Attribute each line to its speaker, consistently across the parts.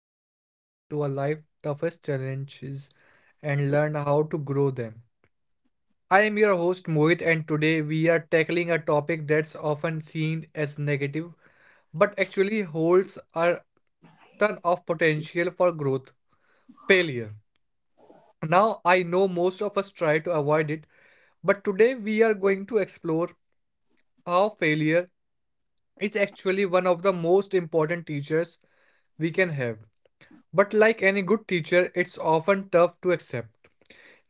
Speaker 1: where we dive into our life toughest challenges and learn how to grow them. I am your host Mohit, and today we are tackling a topic that's often seen as negative but actually holds a ton of potential for growth: failure. Now I know most of us try to avoid it, but today we are going to explore how failure is actually one of the most important teachers we can have. But like any good teacher, it's often tough to accept.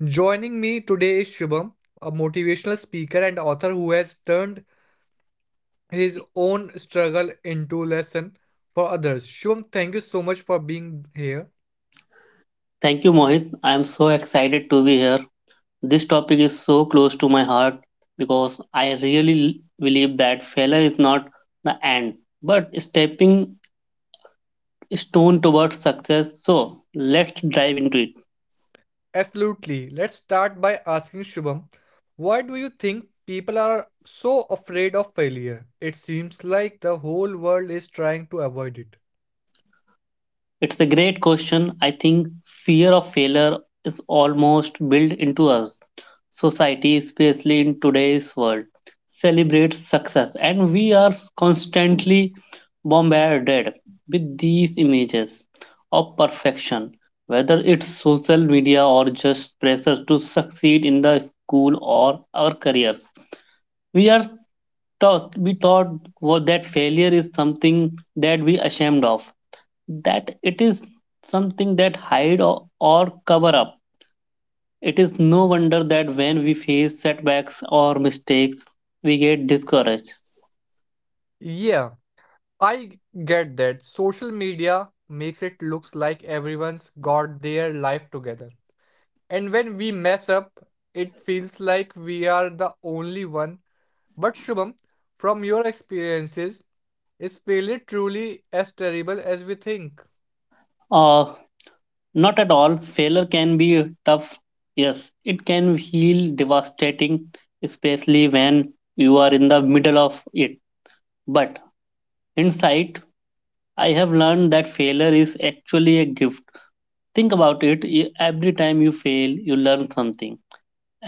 Speaker 1: Joining me today is Shubham, a motivational speaker and author who has turned his own struggle into lesson for others. Shubham, thank you so much for being here.
Speaker 2: Thank you, Mohit. I am so excited to be here. This topic is so close to my heart because I really believe that failure is not the end, but a stepping stone towards success. So let's dive into it.
Speaker 1: Absolutely. Let's start by asking Shubham, why do you think people are so afraid of failure? It seems like the whole world is trying to avoid it.
Speaker 2: It's a great question. I think fear of failure is almost built into us. Society, especially in today's world, celebrates success, and we are constantly bombarded with these images of perfection, whether it's social media or just pressure to succeed in the school or our careers. We are taught, we thought that failure is something that we ashamed of, that it is something that hide or cover up. It is no wonder that when we face setbacks or mistakes we get discouraged.
Speaker 1: Yeah, I get that social media makes it looks like everyone's got their life together. And when we mess up, it feels like we are the only one. But Shubham, from your experiences, is failure truly as terrible as we think?
Speaker 2: uh, Not at all. Failure can be tough, yes, it can feel devastating, especially when you are in the middle of it. But inside I have learned that failure is actually a gift. Think about it, every time you fail you learn something.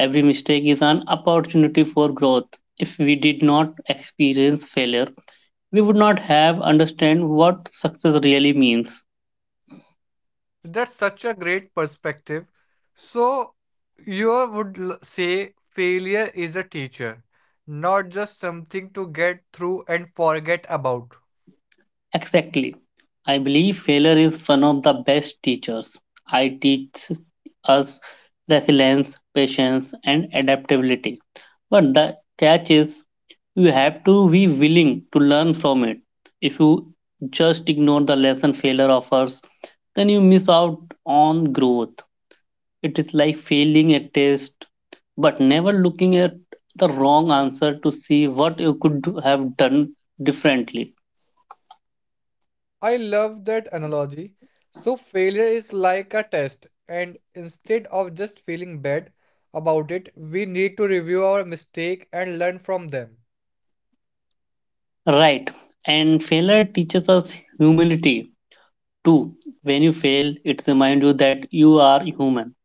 Speaker 2: Every mistake is an opportunity for growth. If we did not experience failure, we would not have understand what success really means.
Speaker 1: That's such a great perspective. So, you would say failure is a teacher, not just something to get through and forget about.
Speaker 2: Exactly. I believe failure is one of the best teachers. I teach us resilience, patience and adaptability. But the catch is you have to be willing to learn from it. If you just ignore the lesson failure offers, then you miss out on growth. It is like failing a test, but never looking at the wrong answer to see what you could have done differently.
Speaker 1: I love that analogy. So, failure is like a test, and instead of just feeling bad about it, we need to review our mistake and learn from them.
Speaker 2: Right. And failure teaches us humility too. When you fail, it reminds you that you are human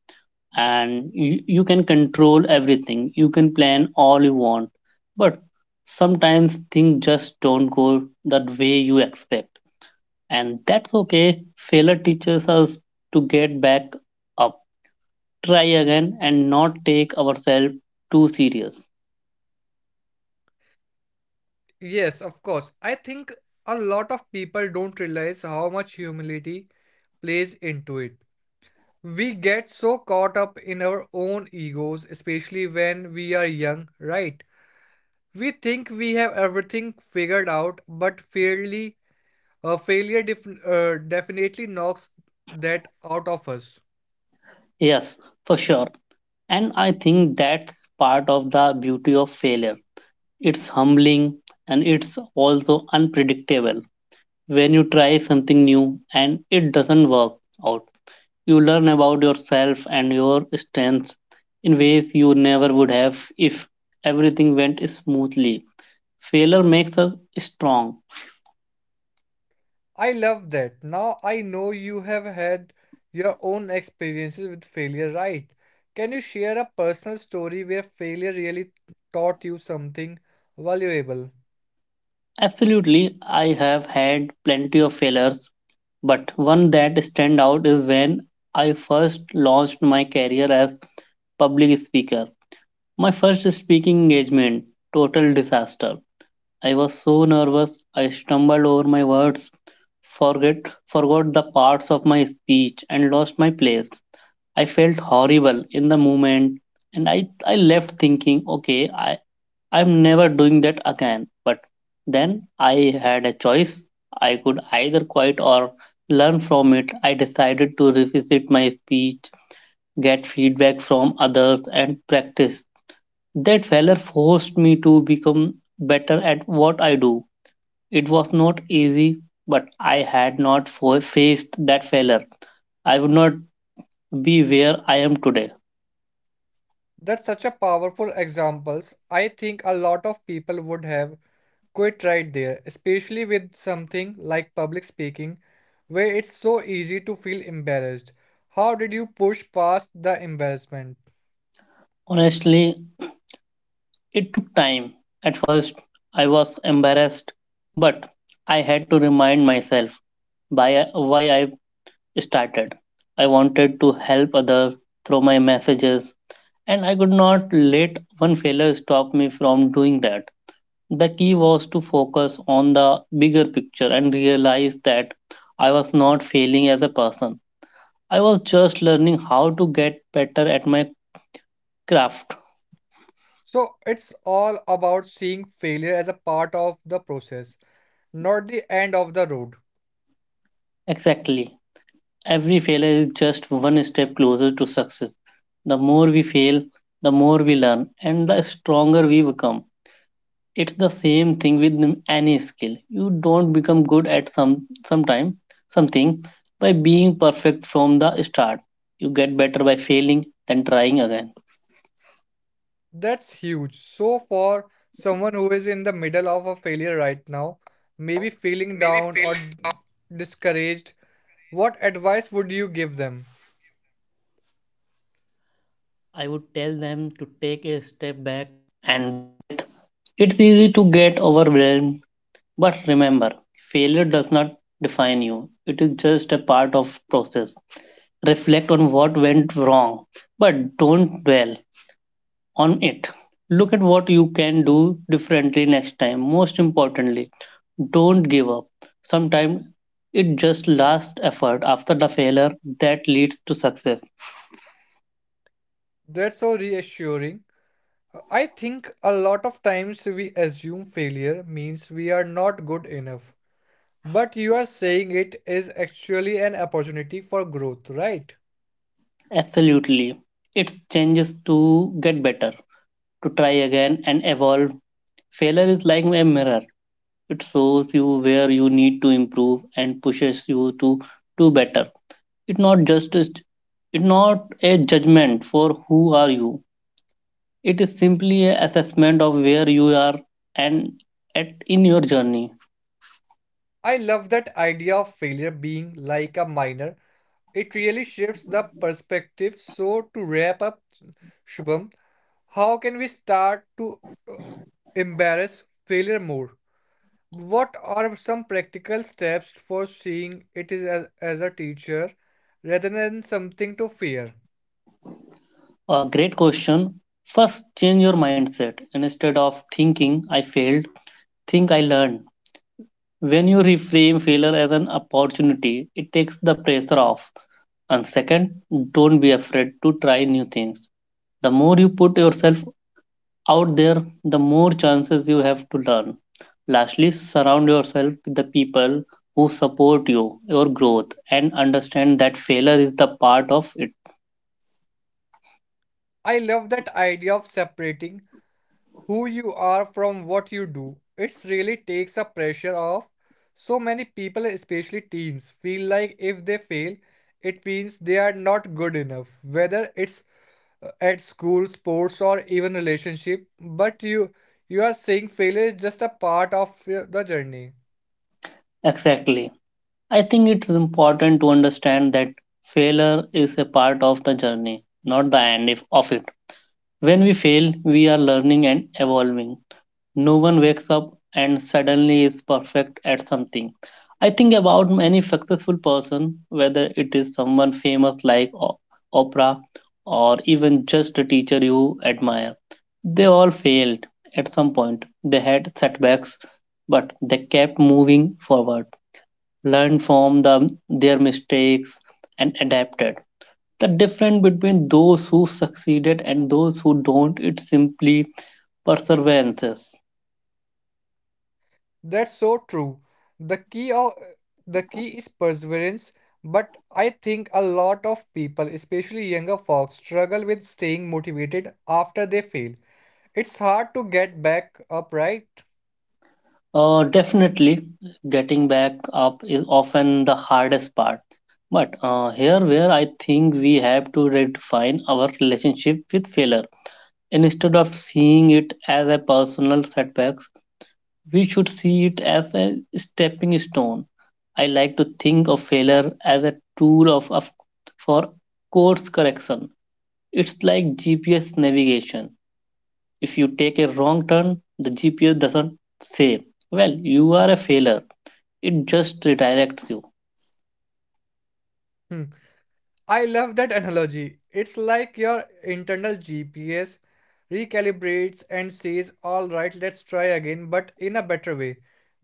Speaker 2: and you can control everything. You can plan all you want. But sometimes things just don't go that way you expect. And that's okay. Failure teaches us to get back up, try again and not take ourselves too serious.
Speaker 1: Yes, of course. I think a lot of people don't realize how much humility plays into it. We get so caught up in our own egos, especially when we are young, right? We think we have everything figured out, but fairly a failure definitely knocks that out of us.
Speaker 2: Yes, for sure. And I think that's part of the beauty of failure. It's humbling, and it's also unpredictable. When you try something new and it doesn't work out, you learn about yourself and your strengths in ways you never would have if everything went smoothly. Failure makes us strong.
Speaker 1: I love that. Now I know you have had your own experiences with failure, right? Can you share a personal story where failure really taught you something valuable?
Speaker 2: Absolutely. I have had plenty of failures, but one that stand out is when I first launched my career as public speaker. My first speaking engagement, total disaster. I was so nervous, I stumbled over my words, forget forgot the parts of my speech and lost my place. I felt horrible in the moment, and I left thinking, okay, I'm never doing that again. But then I had a choice. I could either quit or learn from it. I decided to revisit my speech, get feedback from others, and practice. That failure forced me to become better at what I do. It was not easy, but I had not faced that failure. I would not be where I am today.
Speaker 1: That's such a powerful examples. I think a lot of people would have quit right there, especially with something like public speaking, where it's so easy to feel embarrassed. How did you push past the embarrassment?
Speaker 2: Honestly, it took time. At first, I was embarrassed, but I had to remind myself why I started. I wanted to help others through my messages, and I could not let one failure stop me from doing that. The key was to focus on the bigger picture and realize that I was not failing as a person. I was just learning how to get better at my craft.
Speaker 1: So, it's all about seeing failure as a part of the process, not the end of the road.
Speaker 2: Exactly. Every failure is just one step closer to success. The more we fail, the more we learn, and the stronger we become. It's the same thing with any skill. You don't become good at sometime something by being perfect from the start. You get better by failing than trying again.
Speaker 1: That's huge. So, for someone who is in the middle of a failure right now, maybe feeling down or discouraged, what advice would you give them?
Speaker 2: But remember, failure does not define you. It is just a part of process. Reflect on what went wrong, but don't dwell on it. Look at what you can do differently next time. Most importantly, don't give up. Sometimes it just last effort after the failure that leads to success.
Speaker 1: That's so reassuring. I think a lot of times we assume failure means we are not good enough. But you are saying it is actually an opportunity for growth, right?
Speaker 2: Absolutely. It's changes to get better, to try again and evolve. Failure is like a mirror. It shows you where you need to improve and pushes you to do better. It's not just a, it's not a judgment for who are you. It is simply a assessment of where you are and at in your journey.
Speaker 1: I love that idea of failure being like a minor. It really shifts the perspective. So, to wrap up, Shubham, how can we start to uh, embrace failure more? What are some practical steps for seeing it is as a teacher rather than something to fear?
Speaker 2: A great question. First, change your mindset. Instead of thinking I failed, think I learned. When you reframe failure as an opportunity, it takes the pressure off. And second, don't be afraid to try new things. The more you put yourself out there, the more chances you have to learn. Lastly, surround yourself with the people who support you, your growth, and understand that failure is the part of it.
Speaker 1: I love that idea of separating who you are from what you do. It really takes the pressure off. So many people, especially teens, feel like if they fail, it means they are not good enough, whether it's at school, sports, or even relationship. But you are saying failure is just a part of the journey.
Speaker 2: Exactly. I think it's important to understand that failure is a part of the journey, not the end of it. When we fail, we are learning and evolving. No one wakes up and suddenly is perfect at something. I think about any successful person, whether it is someone famous like Oprah or even just a teacher you admire. They all failed at some point. They had setbacks, but they kept moving forward, learned from them, their mistakes, and adapted. The difference between those who succeeded and those who don't, it's simply perseverances.
Speaker 1: That's so true. The key of the key is perseverance, but I think a lot of people, especially younger folks, struggle with staying motivated after they fail. It's hard to get back up, right?
Speaker 2: Definitely, getting back up is often the hardest part. But here, where I think we have to redefine our relationship with failure. Instead of seeing it as a personal setbacks, we should see it as a stepping stone. I like to think of failure as a tool of for course correction. It's like GPS navigation. If you take a wrong turn, the GPS doesn't say, "Well, you are a failure." It just redirects you.
Speaker 1: Hmm. I love that analogy. It's like your internal GPS recalibrates and says, "All right, let's try again, but in a better way."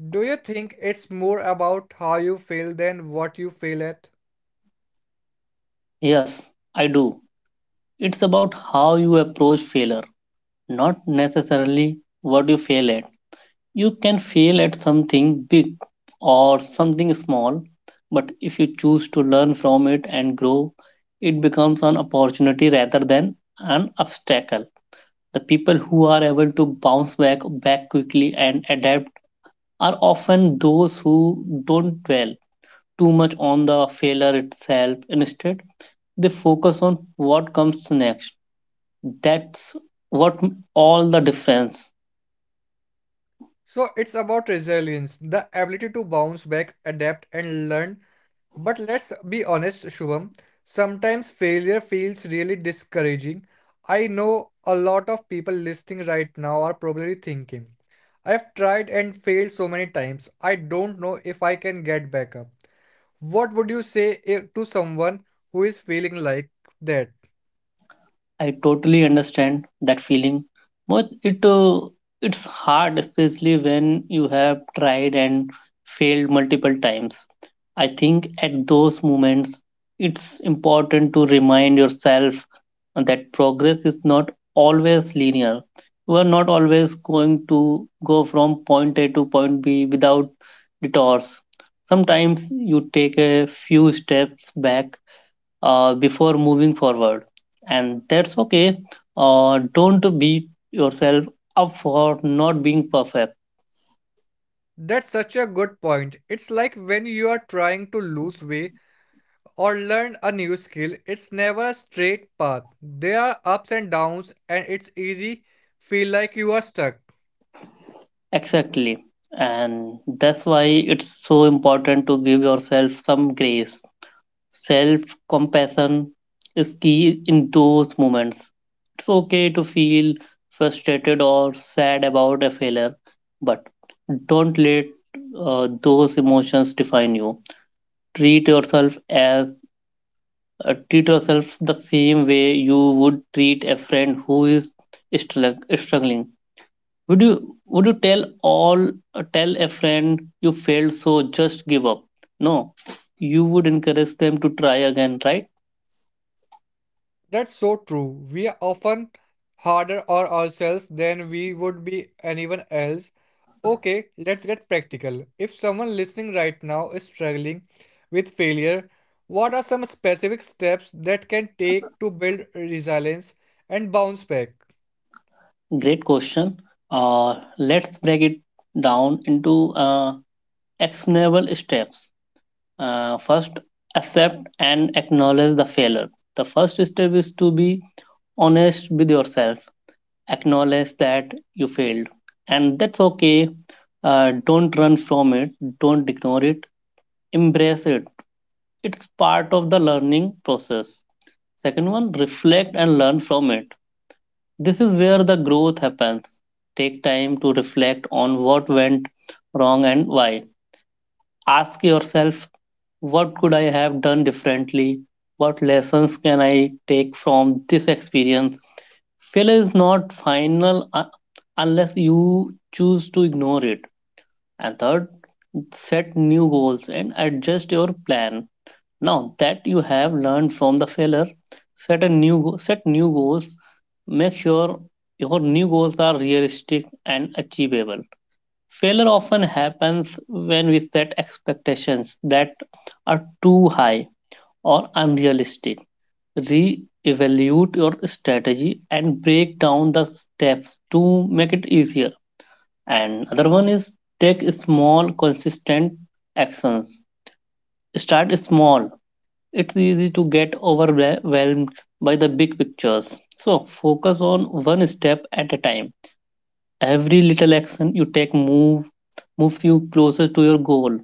Speaker 1: Do you think it's more about how you fail than what you fail at?
Speaker 2: Yes, I do. It's about how you approach failure, not necessarily what you fail at. You can fail at something big or something small, but if you choose to learn from it and grow, it becomes an opportunity rather than an obstacle. The people who are able to bounce back quickly and adapt are often those who don't dwell too much on the failure itself. Instead, they focus on what comes next. That's what all the difference.
Speaker 1: So it's about resilience, the ability to bounce back, adapt, and learn. But let's be honest, Shubham, sometimes failure feels really discouraging. I know a lot of people listening right now are probably thinking, I've tried and failed so many times, I don't know if I can get back up. What would you say to someone who is feeling like that?
Speaker 2: I totally understand that feeling. But it's hard, especially when you have tried and failed multiple times. I think at those moments, it's important to remind yourself that progress is not always linear. You are not always going to go from point A to point B without detours. Sometimes you take a few steps back before moving forward, and that's okay. Don't beat yourself up for not being perfect.
Speaker 1: That's such a good point. It's like when you are trying to lose weight or learn a new skill, it's never a straight path. There are ups and downs, and it's easy feel like you are stuck.
Speaker 2: Exactly, and that's why it's so important to give yourself some grace. Self compassion is key in those moments. It's okay to feel frustrated or sad about a failure, but don't let those emotions define you. treat yourself as Treat yourself the same way you would treat a friend who is struggling. Would you tell all Tell a friend you failed so just give up? No, you would encourage them to try again, right?
Speaker 1: That's so true. We are often harder on ourselves than we would be anyone else. Okay, let's get practical. If someone listening right now is struggling with failure, what are some specific steps that can take to build resilience and bounce back?
Speaker 2: Great question. Let's break it down into actionable steps. First, accept and acknowledge the failure. The first step is to be honest with yourself. Acknowledge that you failed, and that's okay. Don't run from it, don't ignore it, embrace it. It's part of the learning process. Second one, reflect and learn from it. This is where the growth happens. Take time to reflect on what went wrong and why. Ask yourself, what could I have done differently? What lessons can I take from this experience? Failure is not final unless you choose to ignore it. And third, set new goals and adjust your plan. Now that you have learned from the failure, set new goals. Make sure your new goals are realistic and achievable. Failure often happens when we set expectations that are too high or unrealistic. Re-evaluate your strategy and break down the steps to make it easier. And other one is, take small consistent actions. Start small. It's easy to get overwhelmed by the big pictures, so focus on one step at a time. Every little action you take moves you closer to your goal,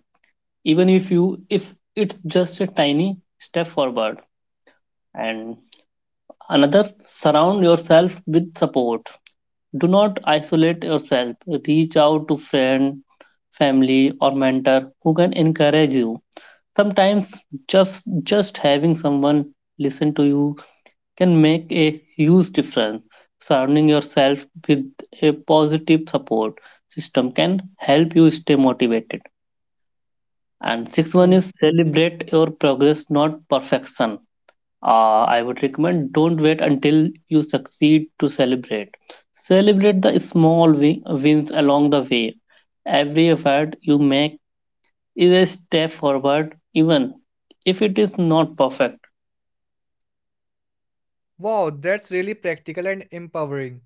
Speaker 2: even if it's just a tiny step forward. And another, surround yourself with support. Do not isolate yourself. Reach out to friend, family or mentor who can encourage you. Sometimes just just having someone listen to you can make a huge difference. Surrounding yourself with a positive support system can help you stay motivated. And sixth one
Speaker 1: W-
Speaker 2: is celebrate your progress, not perfection. I would recommend, don't wait until you succeed to celebrate. Celebrate the small wins along the way. Every effort you make is a step forward, even if it is not perfect.
Speaker 1: Wow, that's really practical and empowering.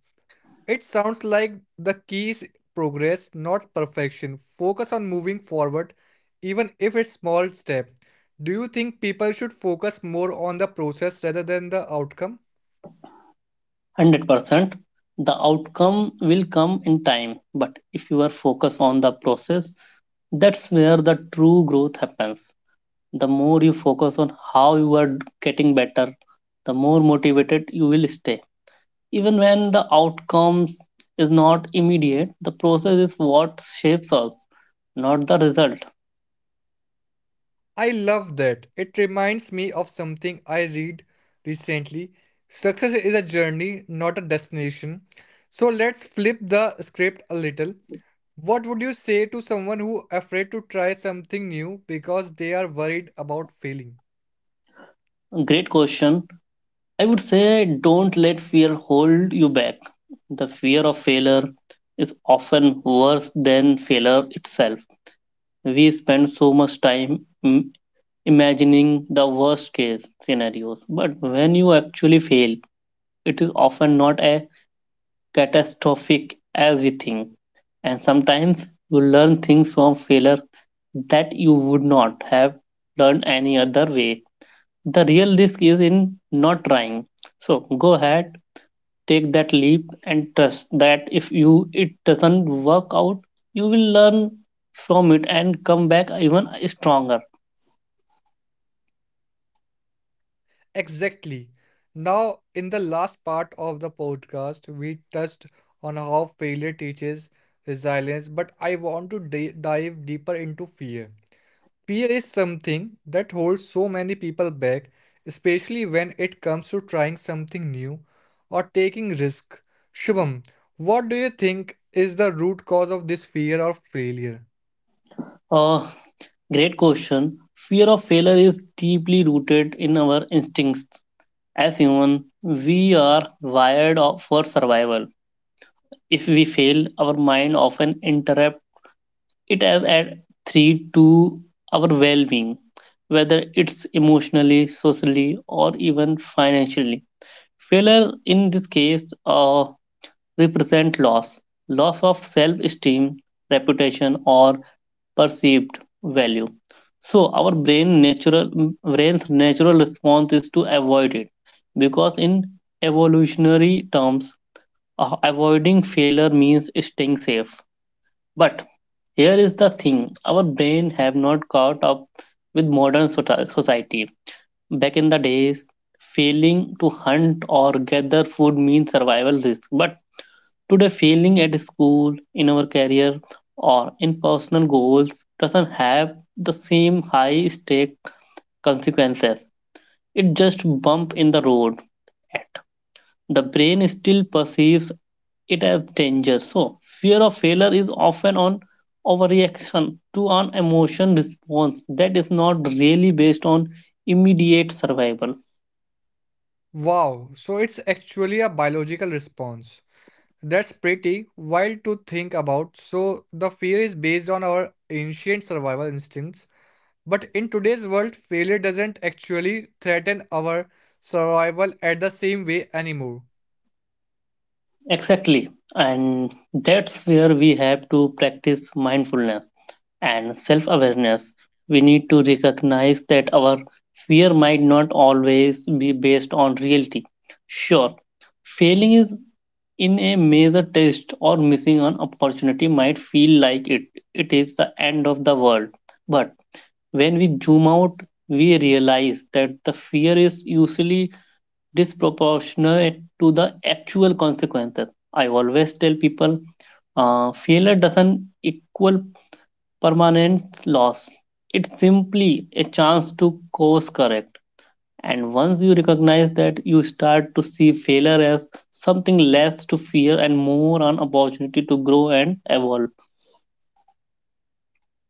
Speaker 1: It sounds like the key is progress, not perfection. Focus on moving forward, even if it's small step. Do you think people should focus more on the process rather than the outcome?
Speaker 2: 100% the outcome will come in time, but if you are focused on the process, that's where the true growth happens. The more you focus on how you are getting better, the more motivated you will stay. Even when the outcome is not immediate, the process is what shapes us, not the result.
Speaker 1: I love that. It reminds me of something I read recently. Success is a journey, not a destination. So let's flip the script a little. What would you say to someone who afraid to try something new because they are worried about failing?
Speaker 2: Great question. I would say don't let fear hold you back. The fear of failure is often worse than failure itself. We spend so much time imagining the worst case scenarios, but when you actually fail, it is often not a catastrophic as we think. And sometimes you learn things from failure that you would not have learned any other way. The real risk is in not trying. So go ahead, take that leap, and trust that if you it doesn't work out, you will learn from it and come back even stronger.
Speaker 1: Exactly. Now, in the last part of the podcast, we touched on how failure teaches resilience, but I want to dive deeper into fear. Fear is something that holds so many people back, especially when it comes to trying something new or taking risk. Shubham, what do you think is the root cause of this fear of failure?
Speaker 2: Uh, Great question. Fear of failure is deeply rooted in our instincts. As human, we are wired for survival. If we fail, our mind often interrupt it as a threat to our well-being, whether it's emotionally, socially, or even financially. Failure in this case represent loss, loss of self-esteem, reputation, or perceived value. So our brain's natural response is to avoid it because in evolutionary terms avoiding failure means staying safe. But here is the thing our brain have not caught up with modern society. Back in the days, failing to hunt or gather food means survival risk. But to the failing at school, in our career, or in personal goals doesn't have the same high stake consequences. It just bump in the road. At the brain still perceives it as danger. So fear of failure is often on overreaction to an emotion response that is not really based on immediate survival.
Speaker 1: Wow, so it's actually a biological response. That's pretty wild to think about. So, the fear is based on our ancient survival instincts. But in today's world, failure doesn't actually threaten our survival at the same way anymore.
Speaker 2: Exactly. And that's where we have to practice mindfulness and self awareness. We need to recognize that our fear might not always be based on reality. Sure, failing is in a major test or missing an opportunity might feel like it is the end of the world. But when we zoom out, we realize that the fear is usually disproportionate to the actual consequences. I always tell people failure doesn't equal permanent loss. It's simply a chance to course correct. And once you recognize that, you start to see failure as something less to fear and more an opportunity to grow and evolve.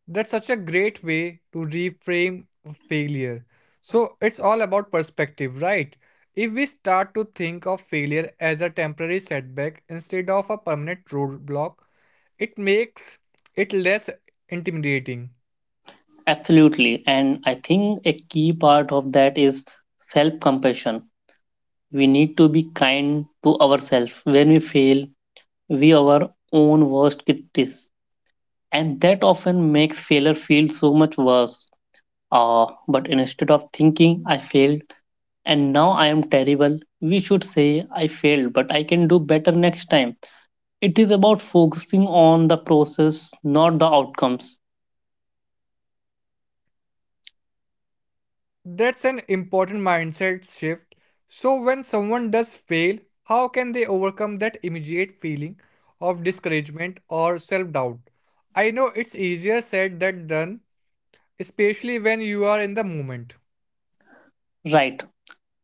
Speaker 1: That's such a great way to reframe failure. So, it's all about perspective, right? If we start to think of failure as a temporary setback instead of a permanent roadblock, it makes it less intimidating.
Speaker 2: Absolutely. And I think a key part of that is self compassion. We need to be kind to ourselves. When we fail, we are our own worst critics, and that often makes failure feel so much worse. But instead of thinking I failed and now I am terrible, we should say I failed, but I can do better next time. It is about focusing on the process, not the outcomes.
Speaker 1: That's an important mindset shift. So, when someone does fail, how can they overcome that immediate feeling of discouragement or self doubt? I know it's easier said than done, especially when you are in the moment.
Speaker 2: Right,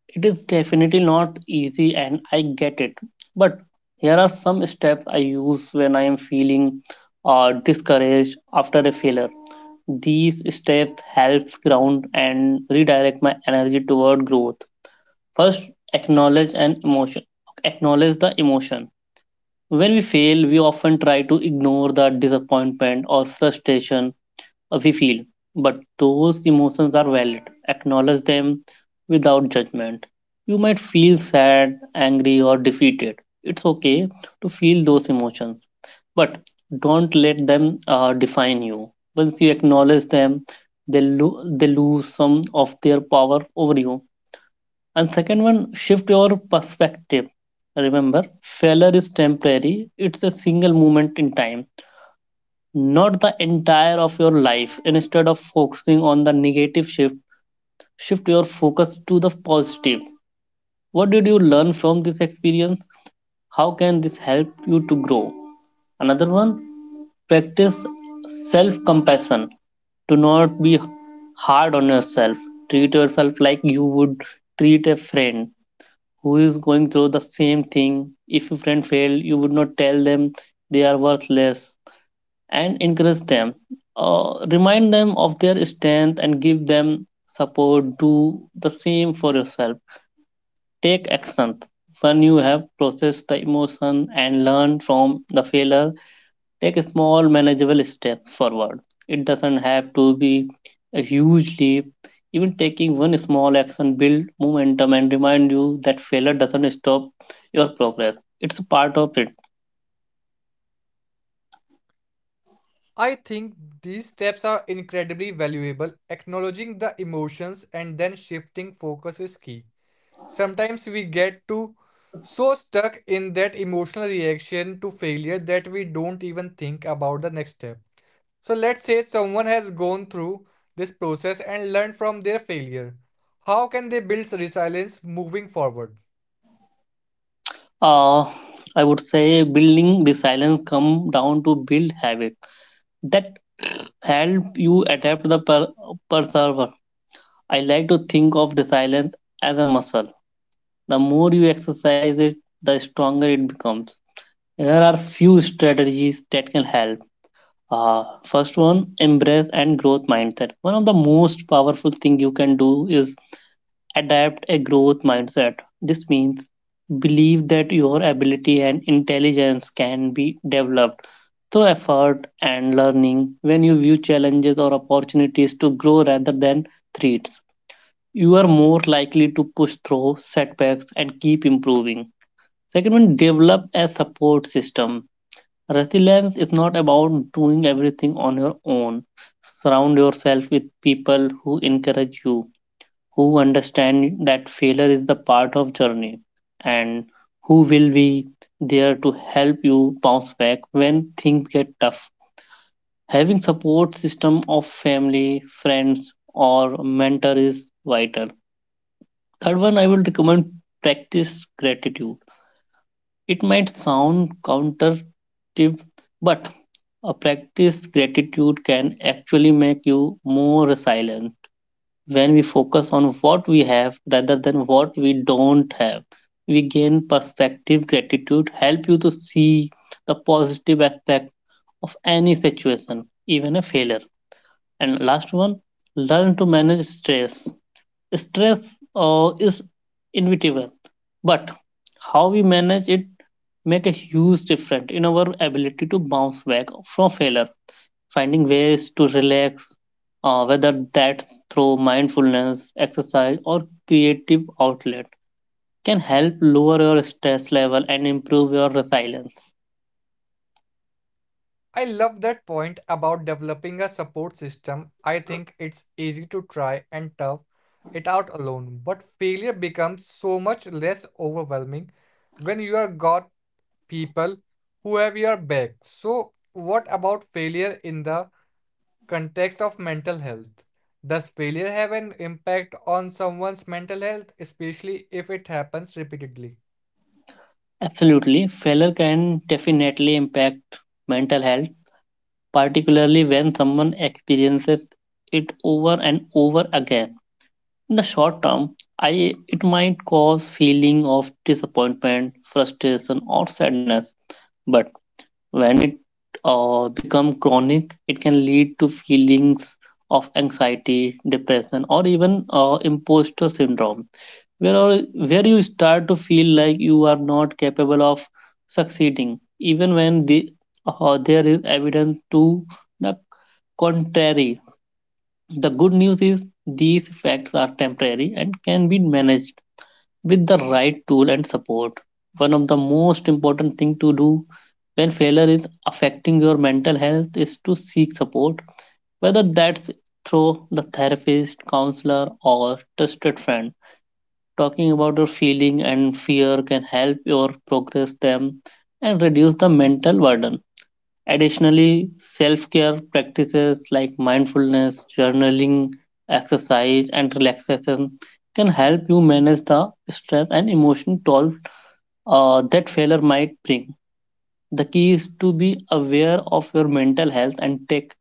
Speaker 2: it is definitely not easy, and I get it. But here are some steps I use when I am feeling discouraged after a failure. These steps helps ground and redirect my energy toward growth. First, acknowledge an emotion. Acknowledge the emotion. When we fail, we often try to ignore the disappointment or frustration we feel, but those emotions are valid. Acknowledge them without judgment. You might feel sad, angry, or defeated. It's okay to feel those emotions, but don't let them define you. Once you acknowledge them, they lose some of their power over you. And second one, shift your perspective. Remember, failure is temporary, it's a single moment in time not the entire of your life. Instead of focusing on the negative, shift your focus to the positive. What did you learn from this experience? How can this help you to grow? Another one, practice self compassion. Do not be hard on yourself. Treat yourself like you would treat a friend who is going through the same thing. If your friend failed, you would not tell them they are worthless and encourage them. Remind them of their strength and give them support. Do the same for yourself. Take action. When you have processed the emotion and learned from the failure, take a small manageable step forward. It doesn't have to be a huge leap. Even taking one small action build momentum and remind you that failure doesn't stop your progress. It's a part of it.
Speaker 1: I think these steps are incredibly valuable. Acknowledging the emotions and then shifting focus is key. Sometimes we get too so stuck in that emotional reaction to failure that we don't even think about the next step. So let's say someone has gone through this process and learned from their failure. How can they build resilience moving forward?
Speaker 2: uh, I would say building the silence come down to build habit that help you adapt the persever. I like to think of the silence as a muscle. The more you exercise it, the stronger it becomes. There are few strategies that can help. First one, embrace and growth mindset. One of the most powerful thing you can do is adapt a growth mindset. This means believe that your ability and intelligence can be developed through effort and learning. When you view challenges or opportunities to grow rather than threats, you are more likely to push through setbacks and keep improving. Second one, develop a support system. Resilience is not about doing everything on your own. Surround yourself with people who encourage you, who understand that failure is the part of journey and who will be there to help you bounce back when things get tough. Having support system of family friends or mentor is vital. Third one, I will recommend practice gratitude. It might sound counterintuitive, but a practice gratitude can actually make you more resilient. When we focus on what we have rather than what we don't have, we gain perspective. Gratitude help you to see the positive aspect of any situation, even a failure. And last one, learn to manage stress. Stress is inevitable, but how we manage it make a huge difference in our ability to bounce back from failure. Finding ways to relax, whether that's through mindfulness exercise or creative outlet, can help lower your stress level and improve your resilience.
Speaker 1: I love that point about developing a support system. I think it's easy to try and tough it out alone, but failure becomes so much less overwhelming when you have got people who have your back. So, what about failure in the context of mental health. Does failure have an impact on someone's mental health, especially if it happens repeatedly?
Speaker 2: Absolutely, failure can definitely impact mental health, particularly when someone experiences it over and over again. In the short term, it might cause feeling of disappointment, frustration, or sadness. But when it become chronic, it can lead to feelings of anxiety, depression, or even imposter syndrome, where you start to feel like you are not capable of succeeding, even when the there is evidence to the contrary. The good news is these effects are temporary and can be managed with the right tool and support. One of the most important thing to do when failure is affecting your mental health is to seek support, whether that's through the therapist, counselor, or trusted friend. Talking about your feeling and fear can help your progress them and reduce the mental burden. Additionally, self care practices like mindfulness, journaling, exercise, and relaxation can help you manage the stress and emotional toll that failure might bring. The key is to be aware of your mental health and take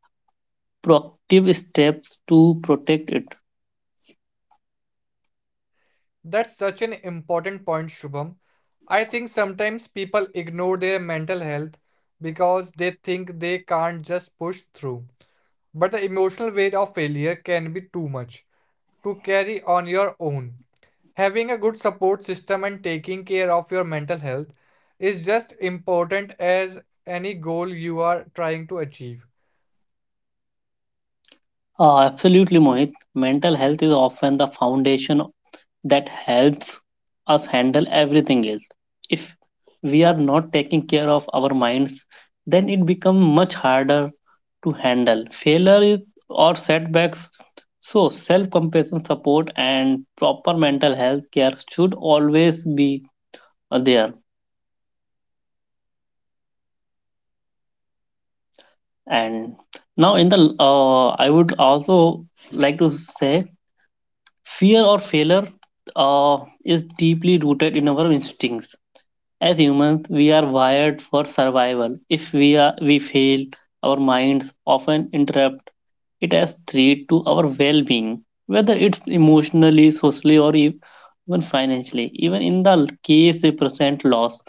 Speaker 2: proactive steps to protect it.
Speaker 1: That's such an important point, Shubham. I think sometimes people ignore their mental health because they think they can't just push through. But the emotional weight of failure can be too much to carry on your own. Having a good support system and taking care of your mental health is just important as any goal you are trying to achieve.
Speaker 2: Absolutely, Mohit. Mental health is often the foundation that helps us handle everything else. If we are not taking care of our minds, then it becomes much harder to handle. Failure or setbacks. So self-compassion support and proper mental health care should always be there. And now in the I would also like to say fear or failure uh, is deeply rooted in our instincts. As humans, we are wired for survival. If we fail, our minds often interrupt it as threat to our well-being, whether it's emotionally, socially, or even financially. Even in the case represent loss,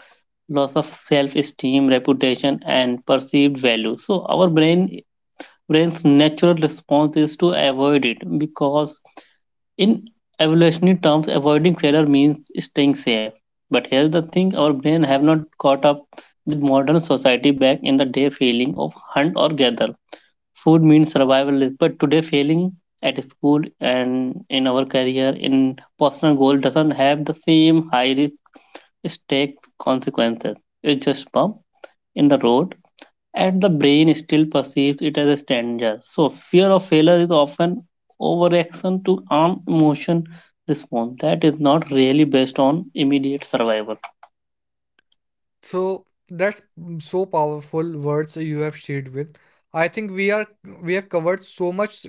Speaker 2: loss of self-esteem, reputation, and perceived value. So our brain's natural response is to avoid it because in evolutionary terms, avoiding failure means staying safe. But here's the thing our brain have not caught up with modern society back in the day feeling of hunt or gather. Food means survival but today failing at school and in our career in personal goal doesn't have the same high risk stakes consequences. It's just bump in the road and the brain still perceives it as a danger. So, fear of failure is often overreaction to arm emotion response that is not really based on immediate survival.
Speaker 1: So that's so powerful words you have shared with. I think we are We have covered so much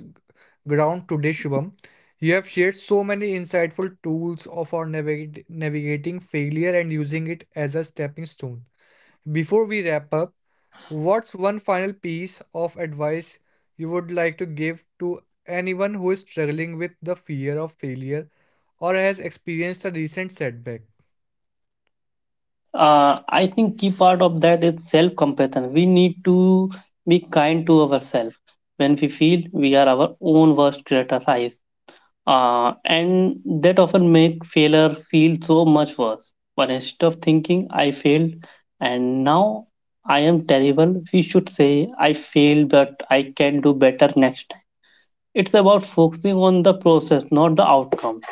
Speaker 1: ground today, Shubham. You have shared so many insightful tools of our navigating failure and using it as a stepping stone. Before we wrap up, what's one final piece of advice you would like to give to anyone who is struggling with the fear of failure or has experienced a recent setback?
Speaker 2: I think key part of that is self compassion. We need to be kind to ourselves. When we feel we are our own worst criticized, and that often make failure feel so much worse. But instead of thinking I failed and now I am terrible, we should say I failed but I can do better next time. It's about focusing on the process, not the outcomes.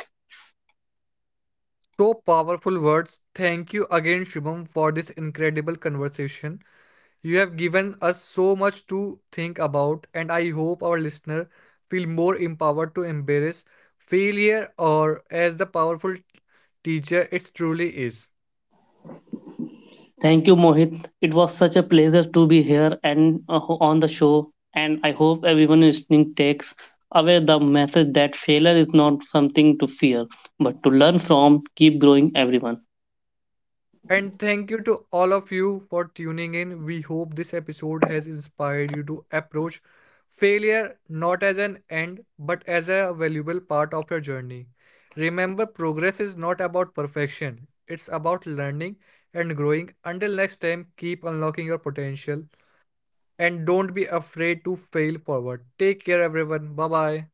Speaker 1: So powerful words. Thank you again, Shubham, for this incredible conversation. You have given us so much to think about, and I hope our listener feel more empowered to embrace failure or as the powerful teacher it truly is.
Speaker 2: Thank you, Mohit. It was such a pleasure to be here and on the show. And I hope everyone listening takes away the message that failure is not something to fear, but to learn from. Keep growing, everyone.
Speaker 1: And thank you to all of you for tuning in. We hope this episode has inspired you to approach failure not as an end but as a valuable part of your journey. Remember, progress is not about perfection, it's about learning and growing. Until next time, keep unlocking your potential and don't be afraid to fail forward. Take care, everyone. Bye bye.